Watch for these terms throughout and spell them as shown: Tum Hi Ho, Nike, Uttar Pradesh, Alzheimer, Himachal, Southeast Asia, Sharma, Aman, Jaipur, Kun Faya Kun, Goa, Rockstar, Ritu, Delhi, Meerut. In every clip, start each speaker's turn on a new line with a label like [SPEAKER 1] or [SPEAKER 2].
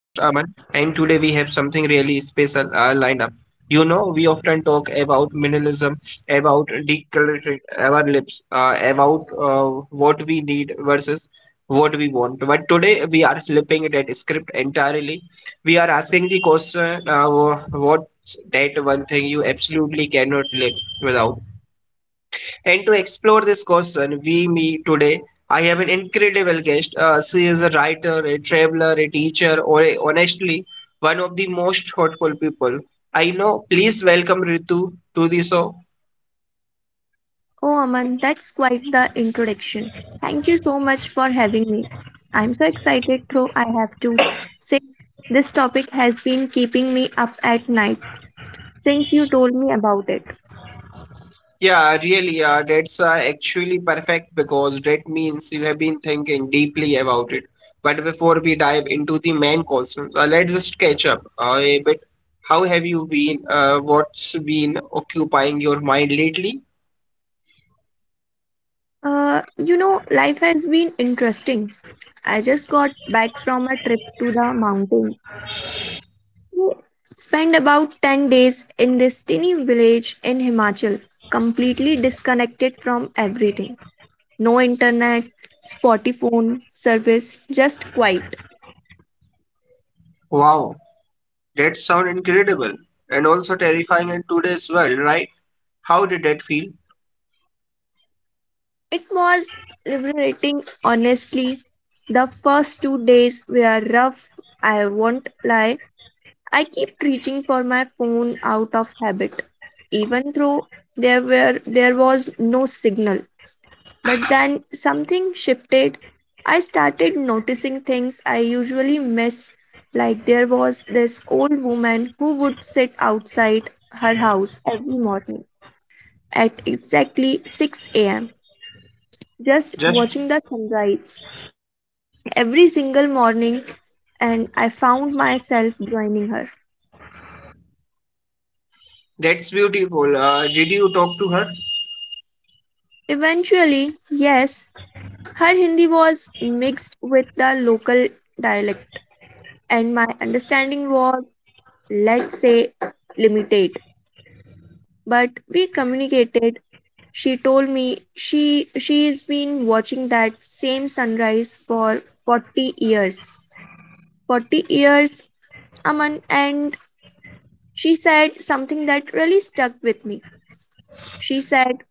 [SPEAKER 1] And today we have something really special lined up. You know, we often talk about minimalism, about decluttering our lips, about what we need versus what we want. But today we are flipping that script entirely. We are asking the question: what's that one thing you absolutely cannot live without? And to explore this question, we meet today. I have an incredible guest. She is a writer, a traveler, a teacher, or honestly, one of the most thoughtful people I know. Please welcome Ritu to the show.
[SPEAKER 2] Oh, Aman, that's quite the introduction. Thank you so much for having me. I'm so excited, though I have to say this topic has been keeping me up at night since you told me about it.
[SPEAKER 1] Yeah, really, that's actually perfect because that means you have been thinking deeply about it. But before we dive into the main questions, let's just catch up a bit. How have you been? What's been occupying your mind lately?
[SPEAKER 2] Life has been interesting. I just got back from a trip to the mountain. We spent about 10 days in this tiny village in Himachal, completely disconnected from everything. No internet, spotty phone service, just quiet.
[SPEAKER 1] Wow, that sound incredible and also terrifying in today's world, right? How did that feel?
[SPEAKER 2] It was liberating, honestly. The first 2 days were rough, I won't lie. I kept reaching for my phone out of habit, even though there was no signal. But then something shifted. I started noticing things I usually miss, like there was this old woman who would sit outside her house every morning at exactly 6 a.m., just
[SPEAKER 1] Just
[SPEAKER 2] watching the sunrise every single morning, and I found myself joining her.
[SPEAKER 1] that's beautiful. Did you talk to her?
[SPEAKER 2] Eventually, yes, her Hindi was mixed with the local dialect, and my understanding was, let's say, limited. But we communicated. She told me she's been watching that same sunrise for 40 years. 40 years, Aman, and she said something that really stuck with me. She said,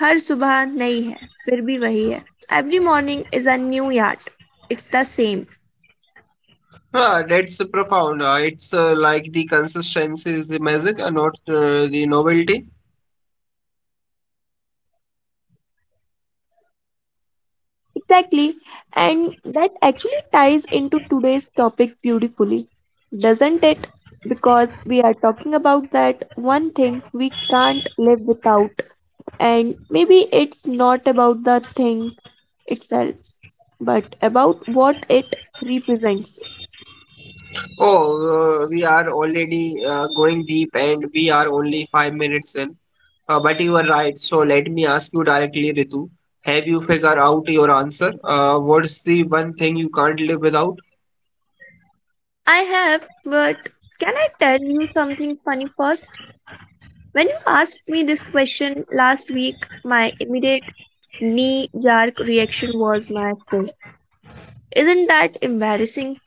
[SPEAKER 2] हर सुबह नई है फिर भी वही है. Every morning is a new yard. It's the same.
[SPEAKER 1] Ah, that's profound. It's like the consistency is the magic, not the novelty.
[SPEAKER 2] Exactly. And that actually ties into today's topic beautifully, doesn't it? Because we are talking about that one thing we can't live without. And maybe it's not about the thing itself, but about what it represents.
[SPEAKER 1] Oh, we are already going deep and we are only 5 minutes in. But you are right. So let me ask you directly, Ritu. Have you figured out your answer? What's the one thing you can't live without?
[SPEAKER 2] I have, but can I tell you something funny first? When you asked me this question last week, my immediate knee jerk reaction was my phone. Isn't that embarrassing?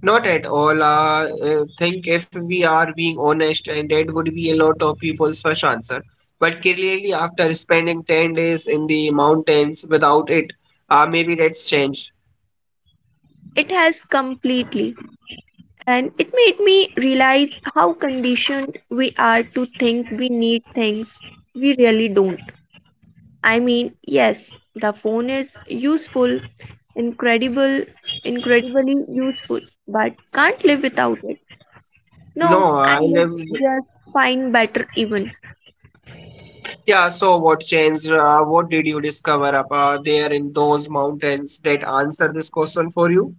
[SPEAKER 1] Not at all. I think if we are being honest, and that would be a lot of people's first answer. But clearly, after spending 10 days in the mountains without it, maybe that's changed.
[SPEAKER 2] It has completely. And it made me realize how conditioned we are to think we need things we really don't. I mean, yes, the phone is useful, incredible, incredibly useful, but can't live without it. No,
[SPEAKER 1] No,
[SPEAKER 2] I
[SPEAKER 1] I
[SPEAKER 2] lived
[SPEAKER 1] live.
[SPEAKER 2] just fine, better even.
[SPEAKER 1] Yeah, so what changed? What did you discover up there in those mountains that answer this question for you?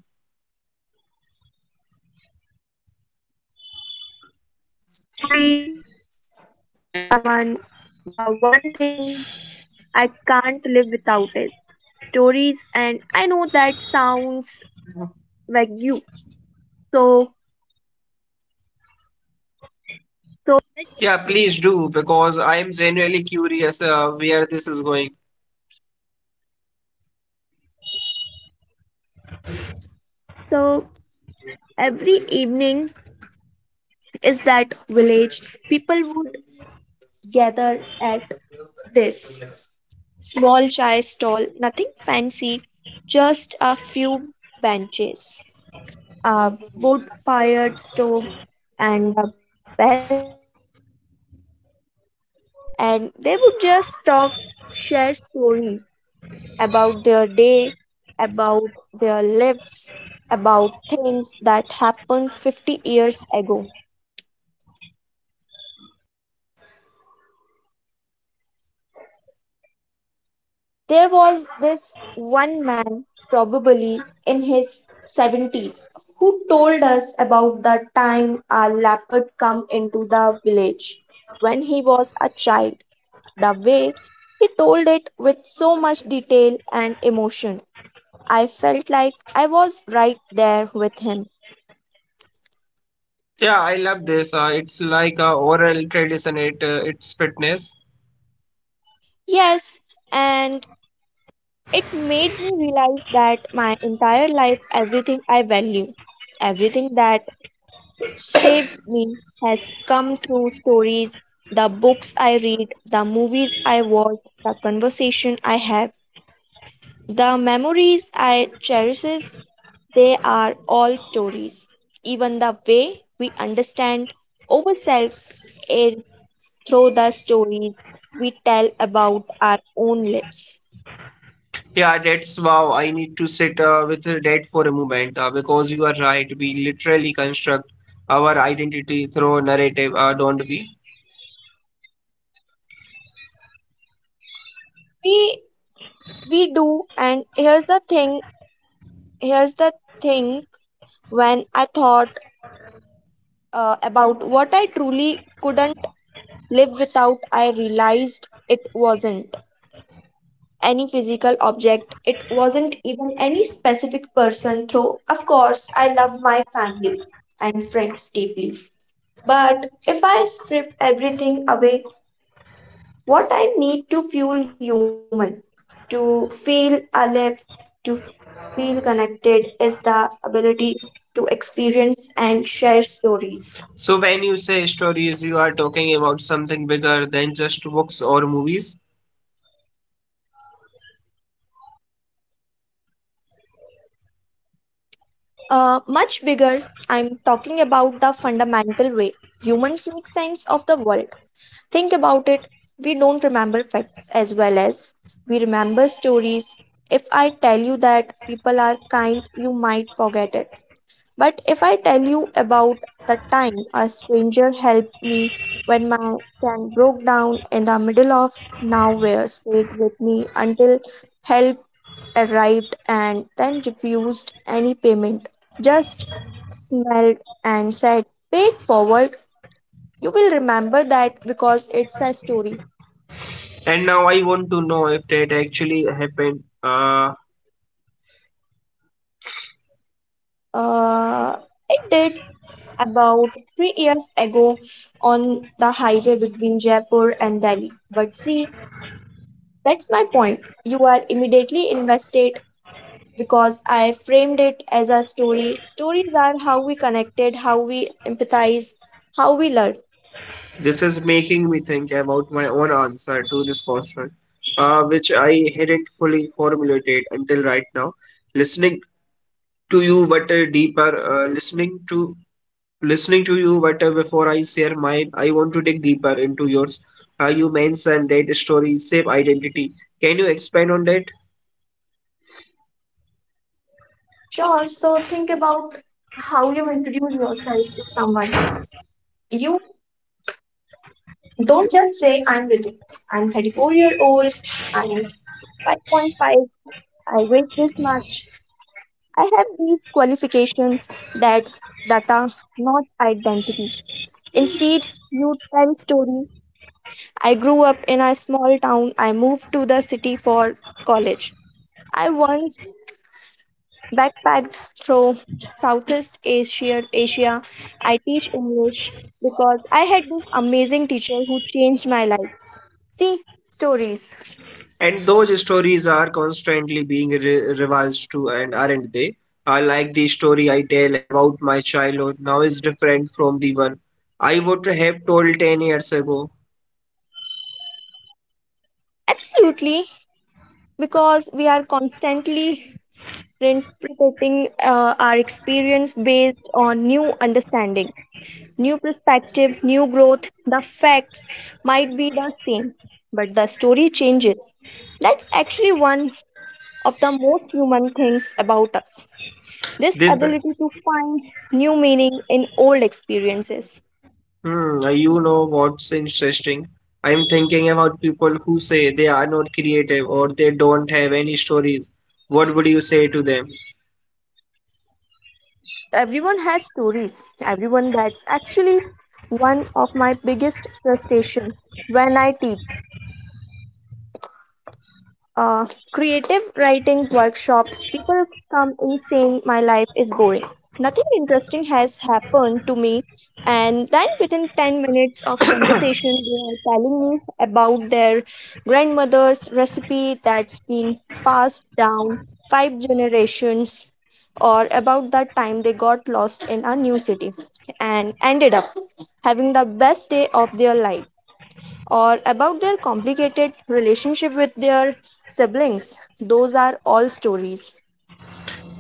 [SPEAKER 1] Yeah, please do, because I am genuinely curious where this is going.
[SPEAKER 2] So every evening is that village. People would gather at this small chai stall, nothing fancy, just a few benches, a wood fired stove, and the best chai I have ever had. And they would just talk, share stories about their day, about their lives, about things that happened 50 years ago. There was this one man, probably in his 70s, who told us about the time a leopard come into the village when he was a child. The way he told it with so much detail and emotion, I felt like I was right there with him.
[SPEAKER 1] Yeah, I love this. It's like a oral tradition at its fitness.
[SPEAKER 2] Yes, and it made me realize that my entire life, everything I value, everything that saved me has come through stories, the books I read, the movies I watch, the conversation I have, the memories I cherish. They are all stories. Even the way we understand ourselves is through the stories we tell about our own lives.
[SPEAKER 1] Yeah, that's wow. I need to sit with that for a moment because you are right. We literally construct our identity through narrative, don't we?
[SPEAKER 2] Couldn't live without, I realized it wasn't any physical object. It wasn't even any specific person, though, of course, I love my family and friends deeply. But if I strip everything away, what I need to feel human, to feel alive, to feel connected, is the ability to experience and share stories.
[SPEAKER 1] So, when you say stories, you are talking about something bigger than just books or movies.
[SPEAKER 2] Much bigger, I'm talking about the fundamental way humans make sense of the world. Think about it. We don't remember facts as well as we remember stories. If I tell you that people are kind, you might forget it. But if I tell you about the time a stranger helped me when my can broke down in the middle of nowhere, stayed with me until help arrived and then refused any payment, just smiled and said, "Pay it forward." You will remember that because it's a story.
[SPEAKER 1] And now I want to know if that actually happened. Uh,
[SPEAKER 2] Uh, it did about 3 years ago on the highway between Jaipur and Delhi. But see, that's my point. You are immediately invested because I framed it as a story. Stories are how we connected, how we empathize, how we learn.
[SPEAKER 1] this is making me think about my own answer to this question, which I hadn't fully formulated until right now. Listening to you, but deeper listening to listening to you but before I share mine I want to dig deeper into yours. You mentioned that stories shape identity. Can you expand on that?
[SPEAKER 2] Sure. So think about how you introduce yourself to someone. You don't just say, I'm Ritu. I'm 34-year-old. I'm 5.5. I weigh this much. I have these qualifications. That's data, not identity. Instead, you tell story. I grew up in a small town. I moved to the city for college. I once backpacked through Southeast Asia, Asia. I teach English because I had this changed my life. See, stories.
[SPEAKER 1] And those stories are constantly being revised too and aren't they? I like the story I tell about my childhood now is different from the one I would have told 10 years ago
[SPEAKER 2] Absolutely, because we are constantly interpreting our experience based on new understanding, new perspective, new growth. The facts might be the same, but the story changes. That's actually one of the most human things about us. This
[SPEAKER 1] this
[SPEAKER 2] ability to find new meaning in old experiences.
[SPEAKER 1] Hmm, you know what's interesting? I'm thinking about people who say they are not creative or they don't have any stories. What would you say to them?
[SPEAKER 2] Everyone has stories. Everyone, that's actually one of my biggest frustration when I teach creative writing workshops, people come in saying my life is boring. Nothing interesting has happened to me. And then within 10 minutes of conversation, they are telling me about their grandmother's recipe that's been passed down five generations or about that time they got lost in a new city and ended up having the best day of their life or about their complicated relationship with their siblings. Those are all stories.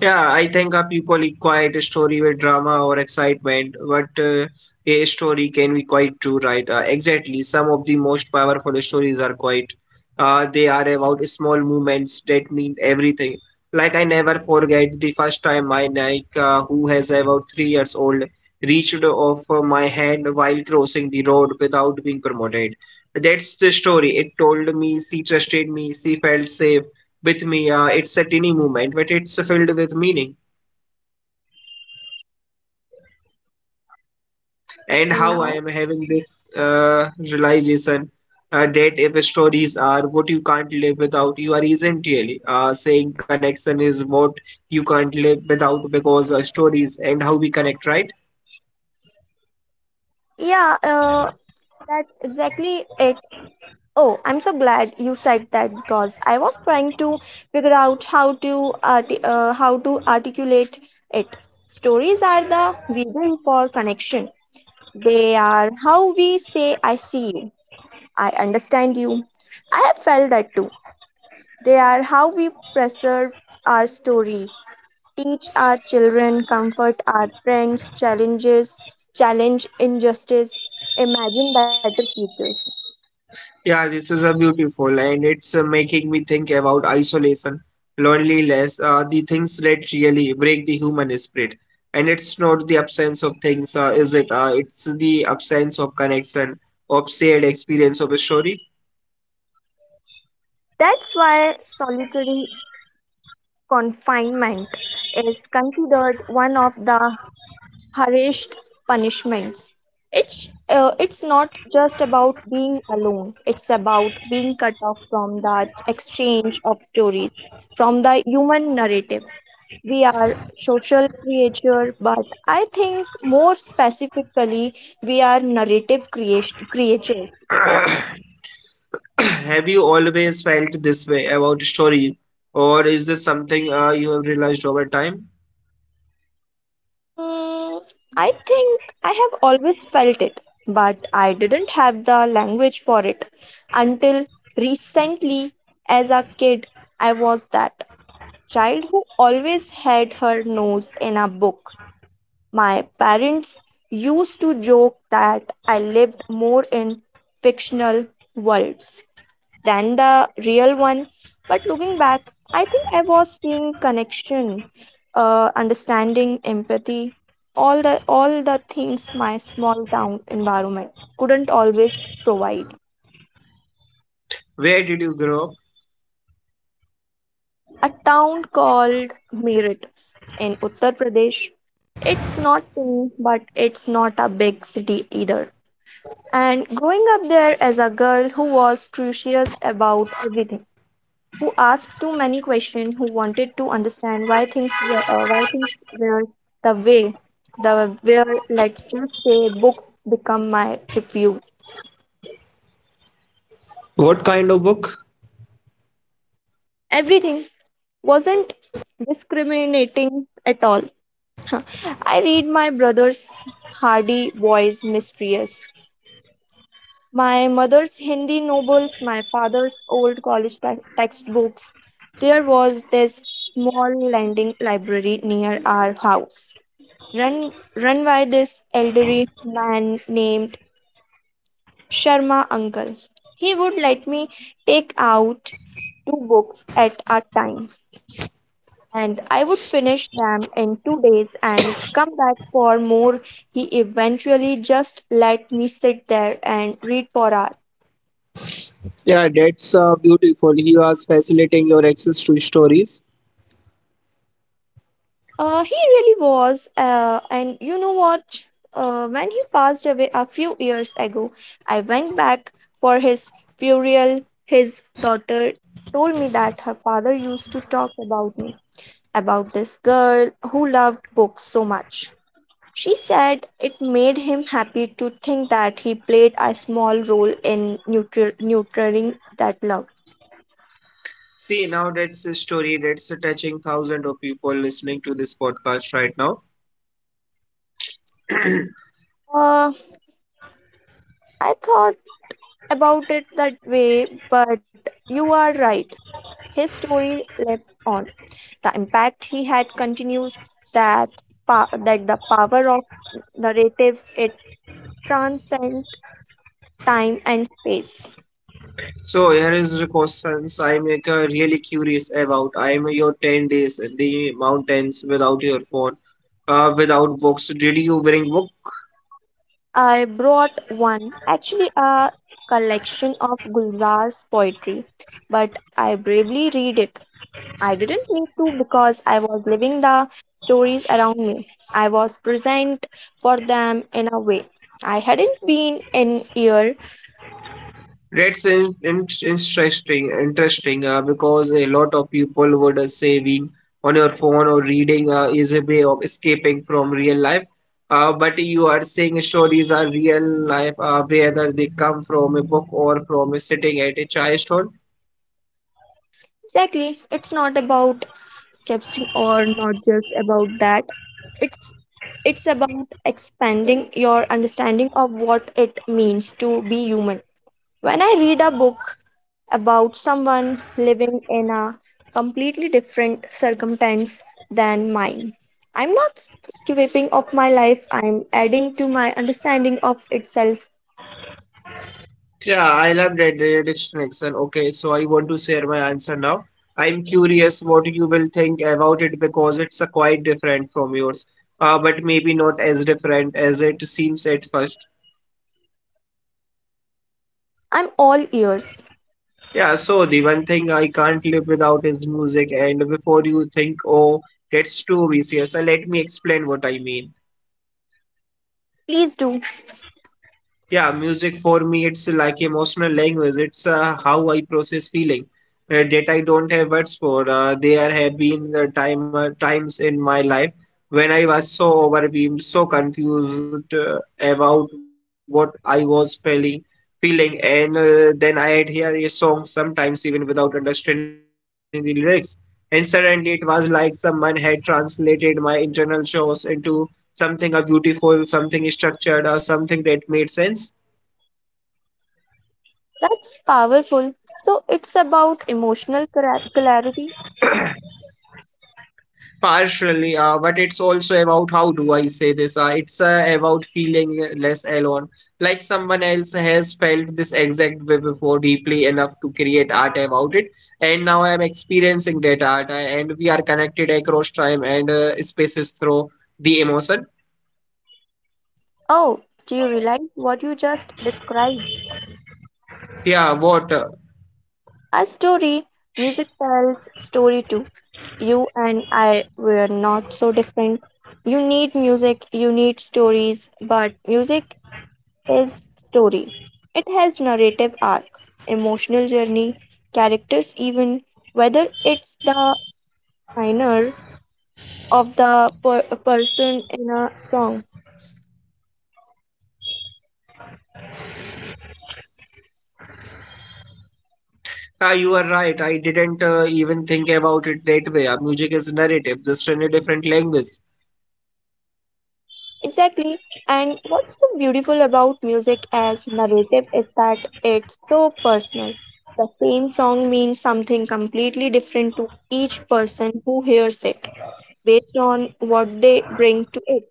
[SPEAKER 1] Yeah, I think a people equate a story with drama or excitement, but a story can be quite true, right? Exactly. Some of the most powerful stories are quite, they are about small movements that mean everything. Like I never forget the first time my Nike, who has about 3 years old, reached off my hand while crossing the road without being promoted. That's the story. It told me she trusted me, she felt safe with me. It's a tiny moment, but it's filled with meaning. And
[SPEAKER 2] And
[SPEAKER 1] how I
[SPEAKER 2] now,
[SPEAKER 1] am having this realization that if stories are what you can't live without, you are essentially saying connection is what you can't live without because stories and how we connect, right?
[SPEAKER 2] yeah, that's exactly it. Oh, I'm so glad you said that because I was trying to figure out how to how to articulate it. Stories are the vehicle for connection. They are how we say I see you, I understand you. I have felt that too. They are how we preserve our story, teach our children, comfort our friends, challenge injustice, imagine better futures.
[SPEAKER 1] Yeah, this is a beautiful, and it's making me think about isolation, loneliness, the things that really break the human spirit. And it's not the absence of things, is it? It's the absence of connection, of shared experience of a story.
[SPEAKER 2] That's why solitary confinement is considered one of the harshest punishments. It's not just about being alone. It's about being cut off from the exchange of stories, from the human narrative. We are social creature, but I think more specifically we are narrative creation creatures.
[SPEAKER 1] Have you always felt this way about story, or is this something you have realized over time?
[SPEAKER 2] Hmm, I think I have always felt it, but I didn't have the language for it until recently. As a kid I was that child who always had her nose in a book. My parents used to joke that I lived more in fictional worlds than the real one. But looking back, I think I was seeing connection, understanding, empathy, all the things my small town environment couldn't always provide.
[SPEAKER 1] Where did you grow up?
[SPEAKER 2] A town called Meerut in Uttar Pradesh. It's not tiny, but it's not a big city either. And growing up there as a girl who was curious about everything, who asked too many questions, who wanted to understand why things were, the way the where, let's just say books become my refuge. Everything wasn't discriminating at all. I read my brother's hardy boys mysterious, my mother's Hindi novels, my father's old college textbooks. There was this small lending library near our house run run by this elderly man named Sharma uncle. He would let me take out two books at a time and I would finish them in 2 days and come back for more. He eventually just let me sit there and read for hours. He really was. And you know what? When he passed away a few years ago, I went back for his burial. His daughter told me that her father used to talk about me, about this girl who loved books so much. She said it made him happy to think that he played a small role in neutering that love.
[SPEAKER 1] See, now that's a story that's touching thousands of people listening to this podcast right now.
[SPEAKER 2] Uh, I thought about it that way, but you are right. His story lives on. The impact he had continues, that that the power of narrative, it transcends time and space.
[SPEAKER 1] So here is the questions I'm like, really curious about. I'm your 10 days in the mountains without your phone, without books. Did you bring book?
[SPEAKER 2] I brought one, actually a collection of Gulzar's poetry, but I bravely read it. I didn't need to because I was living the stories around me. I was present for them in a way I hadn't been in year.
[SPEAKER 1] That's interesting because a lot of people would say being on your phone or reading is a way of escaping from real life. But you are saying stories are real life, whether they come from a book or from a sitting at a chai stall.
[SPEAKER 2] Exactly. It's not about sketching, or not just about that. It's it's about expanding your understanding of what it means to be human. When I read a book about someone living in a completely different circumstance than mine, I'm not skipping off my life. I'm adding to my understanding of itself.
[SPEAKER 1] Yeah, I love that distinction. Okay, so I want to share my answer now. I'm curious what you will think about it because it's quite different from yours, but maybe not as different as it seems at first.
[SPEAKER 2] I'm all ears.
[SPEAKER 1] Yeah, so the one thing I can't live without is music. And before you think, oh, that's too obvious, so let me explain what I mean.
[SPEAKER 2] Please do.
[SPEAKER 1] Yeah, music for me, it's like emotional language. It's how I process feeling that I don't have words for. There have been the times in my life when I was so overwhelmed, so confused about what I was feeling, and then I had hear a song sometimes even without understanding the lyrics, and suddenly it was like someone had translated my internal chaos into something beautiful, something structured, or something that made sense.
[SPEAKER 2] That's powerful. So it's about emotional clarity.
[SPEAKER 1] Partially, but it's also about how do I say this? It's about feeling less alone. Like someone else has felt this exact way before deeply enough to create art about it. And now I'm experiencing that art, and we are connected across time and through the emotion.
[SPEAKER 2] Oh, do you realize what you just described?
[SPEAKER 1] Yeah, what?
[SPEAKER 2] A story, music tells story too. You and I were not so different. You need music, you need stories, but music is story. It has narrative arc, emotional journey, characters even, whether it's the minor of the person in a song.
[SPEAKER 1] Ah, you are right. I didn't even think about it that way. Music is narrative, just in a different language.
[SPEAKER 2] Exactly. And what's so beautiful about music as narrative is that it's so personal. The same song means something completely different to each person who hears it based on what they bring to it.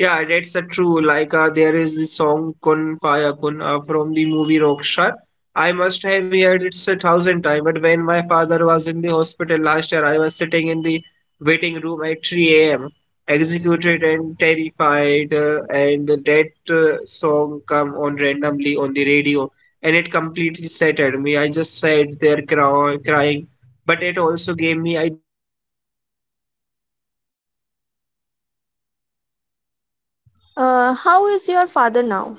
[SPEAKER 1] Yeah, that's a true. Like there is this song Kun Faya Kun from the movie Rockstar. I must have heard it a thousand times. But when my father was in the hospital last year, I was sitting in the waiting room at 3 a.m. executed and terrified, and that song come on randomly on the radio, and it completely settled me. I just sat there crying. But it also gave me, I don't know, some kind of peace. I like whether was going to happen was already written, you know.
[SPEAKER 2] How is your father now?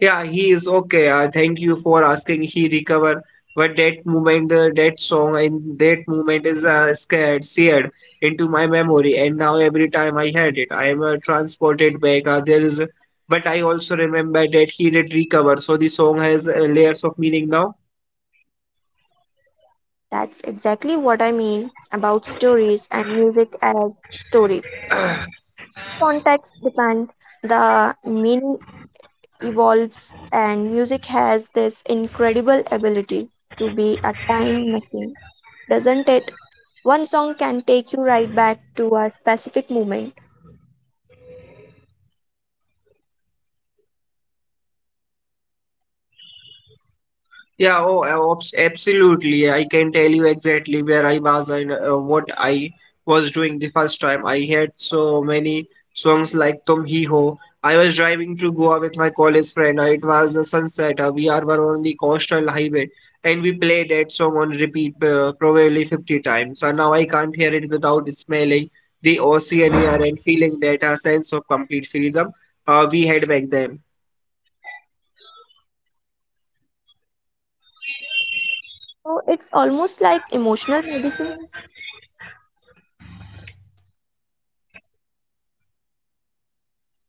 [SPEAKER 1] Yeah, he is okay. Thank you for asking. He recovered, but that moment, that song, and that moment is seared into my memory. And now every time I heard it, I am transported back. But I also remember that he did recover. So the song has layers of meaning now.
[SPEAKER 2] That's exactly what I mean about stories and music as story. Context depend, the meaning evolves, and music has this incredible ability to be a time machine, doesn't it? One song can take you right back to a specific moment.
[SPEAKER 1] Yeah, oh, absolutely. I can tell you exactly where I was and what I was doing the first time. I had so many songs like Tum Hi Ho. I was driving to Goa with my college friend. It was a sunset. We are were on the coastal highway and we played that song on repeat probably 50 times. And now I can't hear it without smelling the ocean air and feeling that sense of complete freedom we had back then.
[SPEAKER 2] So it's almost like emotional medicine.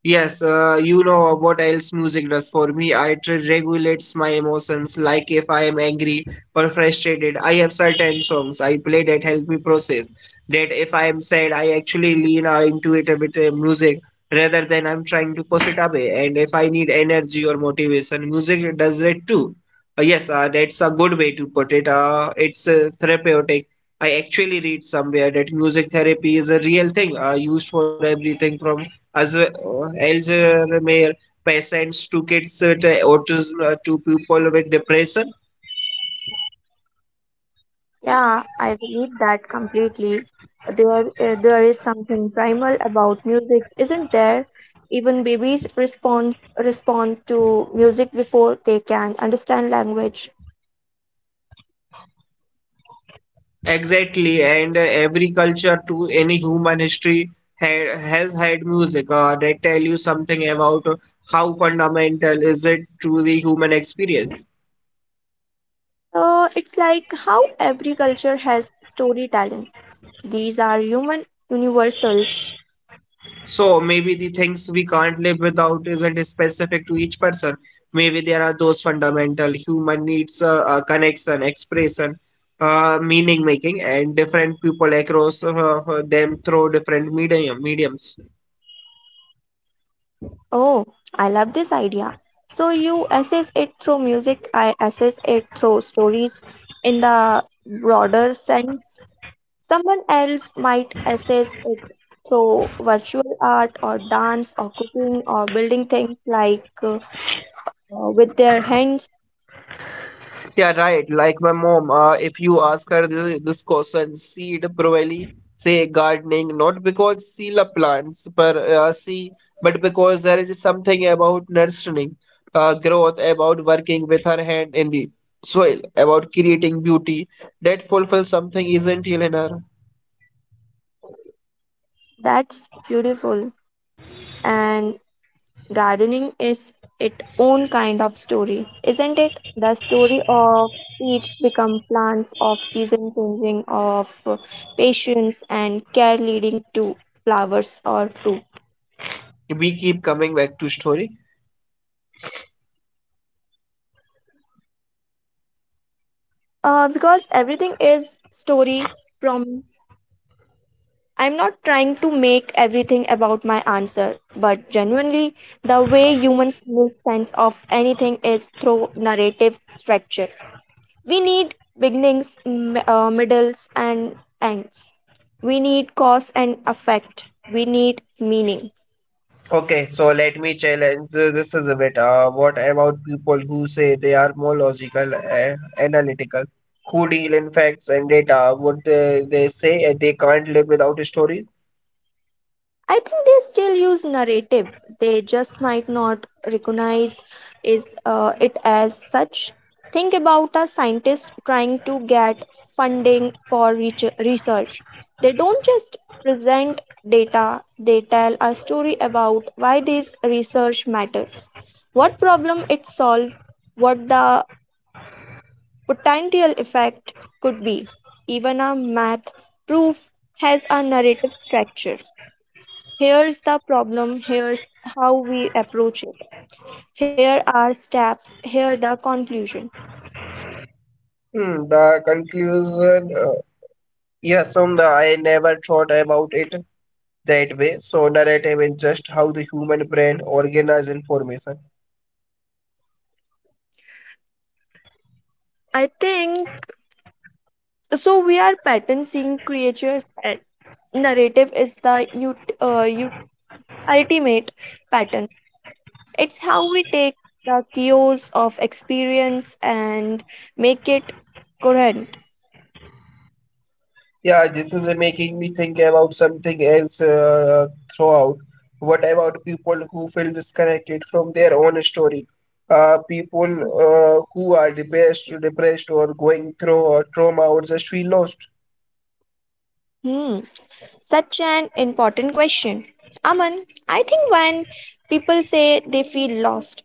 [SPEAKER 1] Yes, you know what else music does for me. It regulates my emotions, like if I am angry or frustrated. I have certain songs I play that help me process. That if I am sad, I actually lean into it with music rather than I'm trying to push it away. And if I need energy or motivation, music does it too. Yes, that's a good way to put it. It's therapeutic. I actually read somewhere that music therapy is a real thing, used for everything from as well Alzheimer patients, to kids with autism, to people with depression.
[SPEAKER 2] Yeah, I believe that completely. There is something primal about music, isn't there? Even babies respond to music before they can understand language.
[SPEAKER 1] Exactly, and every culture to any human history has had music that tell you something about how fundamental is it to the human experience.
[SPEAKER 2] So it's like how every culture has storytelling. These are human universals.
[SPEAKER 1] So maybe the things we can't live without isn't specific to each person. Maybe there are those fundamental human needs, connection, expression, meaning making, and different people across them through different mediums.
[SPEAKER 2] Oh, I love this idea. So you assess it through music, I assess it through stories in the broader sense. Someone else might assess it through virtual art or dance or cooking or building things with their hands.
[SPEAKER 1] Yeah, right. Like my mom, if you ask her this question, she'd probably say gardening, not because she loves plants, but but because there is something about nurturing, growth, about working with her hand in the soil, about creating beauty that fulfills something essential in her.
[SPEAKER 2] That's beautiful. And gardening is its own kind of story, isn't it? The story of seeds become plants, of season changing, of patience and care leading to flowers or fruit.
[SPEAKER 1] We keep coming back to story.
[SPEAKER 2] Because everything is story, promise. I'm not trying to make everything about my answer, but genuinely, the way humans make sense of anything is through narrative structure. We need beginnings, middles, and ends. We need cause and effect. We need meaning.
[SPEAKER 1] Okay, so let me challenge this is a bit. What about people who say they are more logical, analytical, who deal in facts and data? Would they say they can't live without stories?
[SPEAKER 2] I think they still use narrative. They just might not recognize is it as such. Think about a scientist trying to get funding for research. They don't just present data, they tell a story about why this research matters, what problem it solves, what the potential effect could be. Even a math proof has a narrative structure. Here's the problem, here's how we approach it. Here are steps, here the conclusion.
[SPEAKER 1] Hmm, the conclusion, yes, the, I never thought about it that way. So narrative is just how the human brain organizes information.
[SPEAKER 2] I think so we are pattern seeing creatures and narrative is the ut- uh, ut- ultimate pattern. It's how we take the chaos of experience and make it coherent.
[SPEAKER 1] Yeah, this is making me think about something else throughout. What about people who feel disconnected from their own story? People who are depressed or going through or trauma or just feel lost.
[SPEAKER 2] Hmm. Such an important question. Aman, I think when people say they feel lost,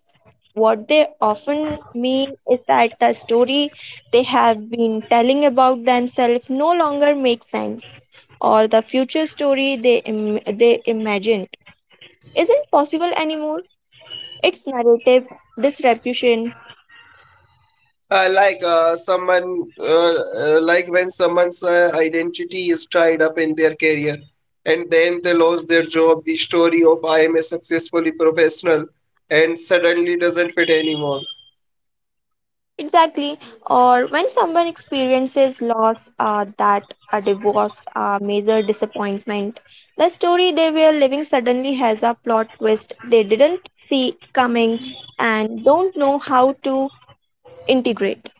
[SPEAKER 2] what they often mean is that the story they have been telling about themselves no longer makes sense, or the future story they imagined isn't possible anymore. Its narrative disruption.
[SPEAKER 1] Like when someone's identity is tied up in their career, and then they lose their job. The story of I am a successfully professional, and suddenly doesn't fit anymore.
[SPEAKER 2] Exactly. Or when someone experiences loss, that a divorce, a major disappointment, the story they were living suddenly has a plot twist they didn't see coming and don't know how to integrate.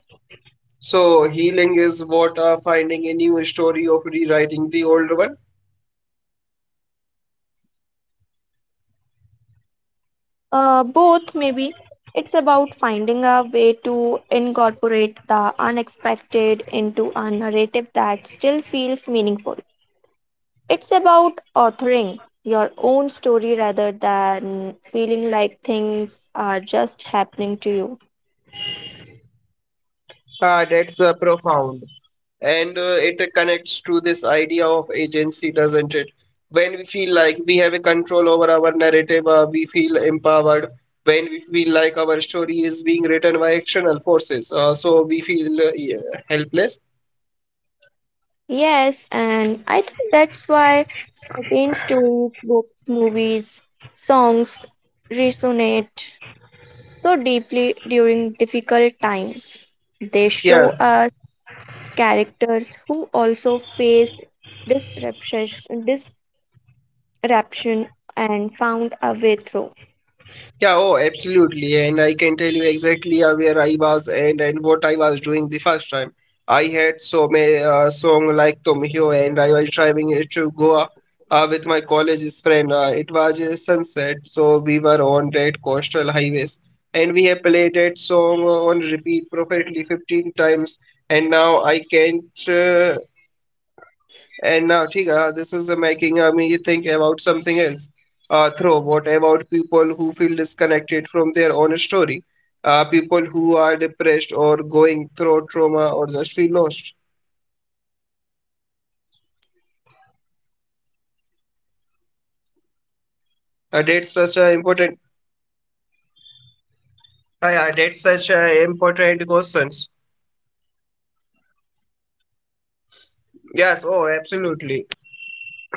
[SPEAKER 1] So, healing is what finding a new story of rewriting the old one.
[SPEAKER 2] Both, maybe. It's about finding a way to incorporate the unexpected into a narrative that still feels meaningful. It's about authoring your own story rather than feeling like things are just happening to you.
[SPEAKER 1] That's profound. And it connects to this idea of agency, doesn't it? When we feel like we have a control over our narrative, we feel empowered. When we feel like our story is being written by external forces, so we feel yeah, helpless.
[SPEAKER 2] Yes, and I think that's why certain stories, books, movies, songs resonate so deeply during difficult times. They
[SPEAKER 1] Yeah,
[SPEAKER 2] show us characters who also faced disruption, disruption and found a way through.
[SPEAKER 1] Yeah, oh, absolutely. And I can tell you exactly where I was and what I was doing the first time. I had so many song like Tum Hi Ho, and I was driving it to Goa with my college's friend. It was a sunset, so we were on that coastal highways, and we have played that song on repeat perfectly 15 times. And now I can't. Chica, this is making me think about something else. Throw What about people who feel disconnected from their own story? People who are depressed or going through trauma or just feel lost. That's such a important. Yeah, that's such a important questions. Yes. Oh, absolutely.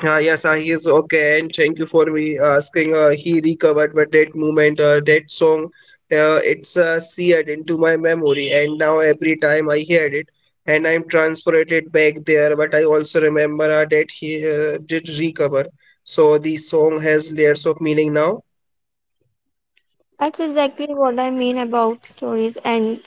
[SPEAKER 1] Yes, he is okay, and thank you for me asking. He recovered, but that moment, that song, it's seared into my memory, and now every time I hear it, and I'm transported back there. But I also remember that he did recover, so the song has layers of meaning now.
[SPEAKER 2] That's exactly what I mean about stories and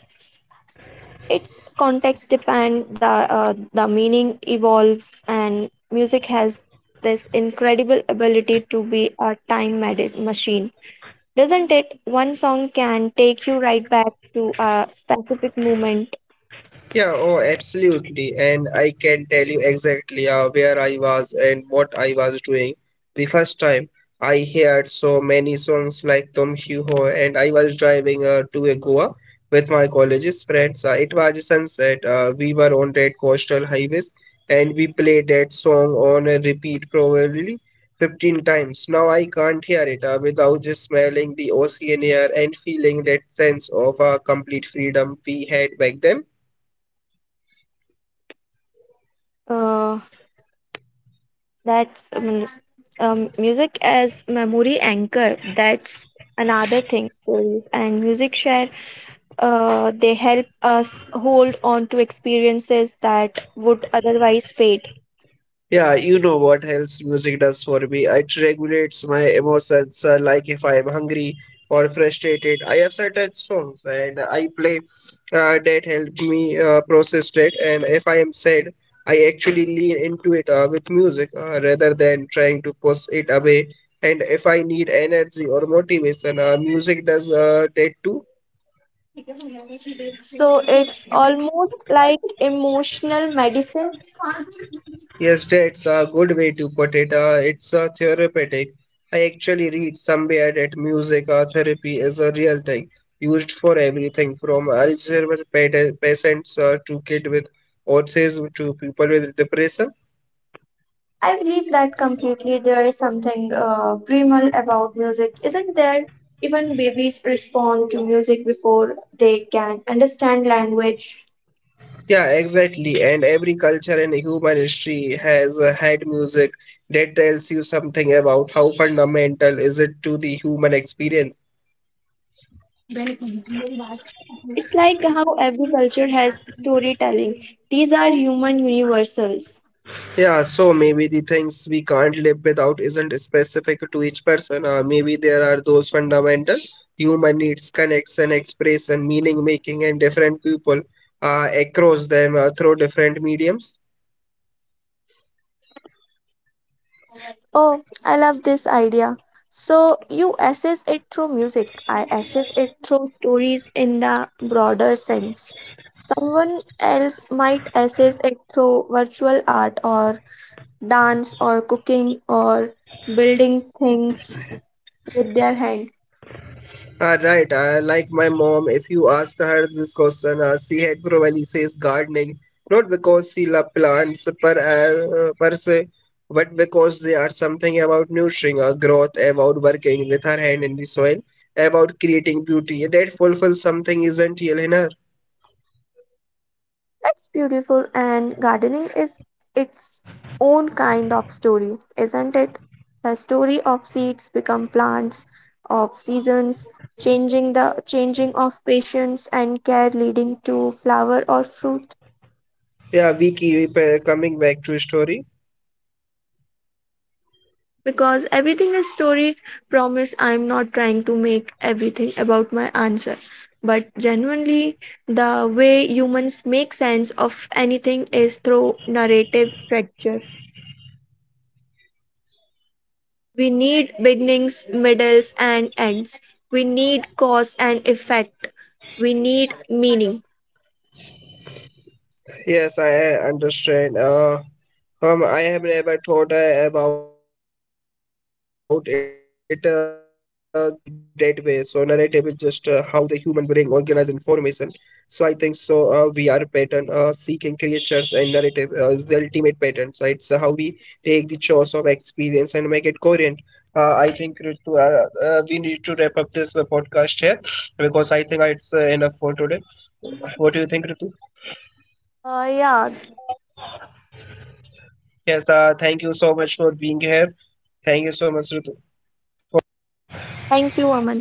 [SPEAKER 2] its context depend the meaning evolves, and music has this incredible ability to be a machine, doesn't it? One song can take you right back to a specific moment.
[SPEAKER 1] Yeah, oh, absolutely. And I can tell you exactly where I was and what I was doing. The first time I heard so many songs like Tum Hi Ho, and I was driving to a Goa with my college's friends. It was sunset. We were on that coastal highways, and we played that song on a repeat probably 15 times. Now I can't hear it without just smelling the ocean air and feeling that sense of complete freedom we had back then.
[SPEAKER 2] Uh, that's Music as memory anchor. That's another thing. Stories and music share they help us hold on to experiences that would otherwise fade.
[SPEAKER 1] Yeah, you know what else music does for me? It regulates my emotions. Like if I'm hungry or frustrated, I have certain songs and I play that help me process it. And if I am sad, I actually lean into it with music rather than trying to push it away. And if I need energy or motivation, music does that too.
[SPEAKER 2] So it's almost like emotional medicine.
[SPEAKER 1] Yes, that's a good way to put it. It's a therapeutic. I actually read somewhere that music therapy is a real thing, used for everything from Alzheimer patients to kids with autism to people with depression.
[SPEAKER 2] I believe that completely. There is something primal about music, isn't there? Even babies respond to music before they can understand language.
[SPEAKER 1] Yeah, exactly. And every culture and human history has had music that tells you something about how fundamental is it to the human experience.
[SPEAKER 2] It's like how every culture has storytelling. These are human universals.
[SPEAKER 1] Yeah, so maybe the things we can't live without isn't specific to each person. Maybe there are those fundamental human needs, connection, expression, meaning making, and different people across them through different mediums.
[SPEAKER 2] Oh, I love this idea. So you assess it through music. I assess it through stories in the broader sense. Someone else might assess it through virtual art or dance or cooking or building things with their hand.
[SPEAKER 1] Right, like my mom, if you ask her this question, she had probably says gardening, not because she loves plants per se, but because they are something about nurturing, growth, about working with her hand in the soil, about creating beauty. That fulfills something essential in her.
[SPEAKER 2] That's beautiful, and gardening is its own kind of story, isn't it? The story of seeds become plants, of seasons changing the changing of patience and care leading to flower or fruit.
[SPEAKER 1] Yeah, we keep coming back to story.
[SPEAKER 2] Because everything is story. Promise I'm not trying to make everything about my answer, but genuinely, the way humans make sense of anything is through narrative structure. We need beginnings, middles, and ends. We need cause and effect. We need meaning.
[SPEAKER 1] Yes, I understand. I have never thought about it that way. So narrative is just how the human brain organizes information. So I think so. We are pattern seeking creatures, and narrative is the ultimate pattern. So it's how we take the chores of experience and make it coherent. I think Ritu, we need to wrap up this podcast here because I think it's enough for today. What do you think, Ritu?
[SPEAKER 2] Yeah,
[SPEAKER 1] Yes, thank you so much for being here. Thank you so much, Ritu.
[SPEAKER 2] thank you, Aman.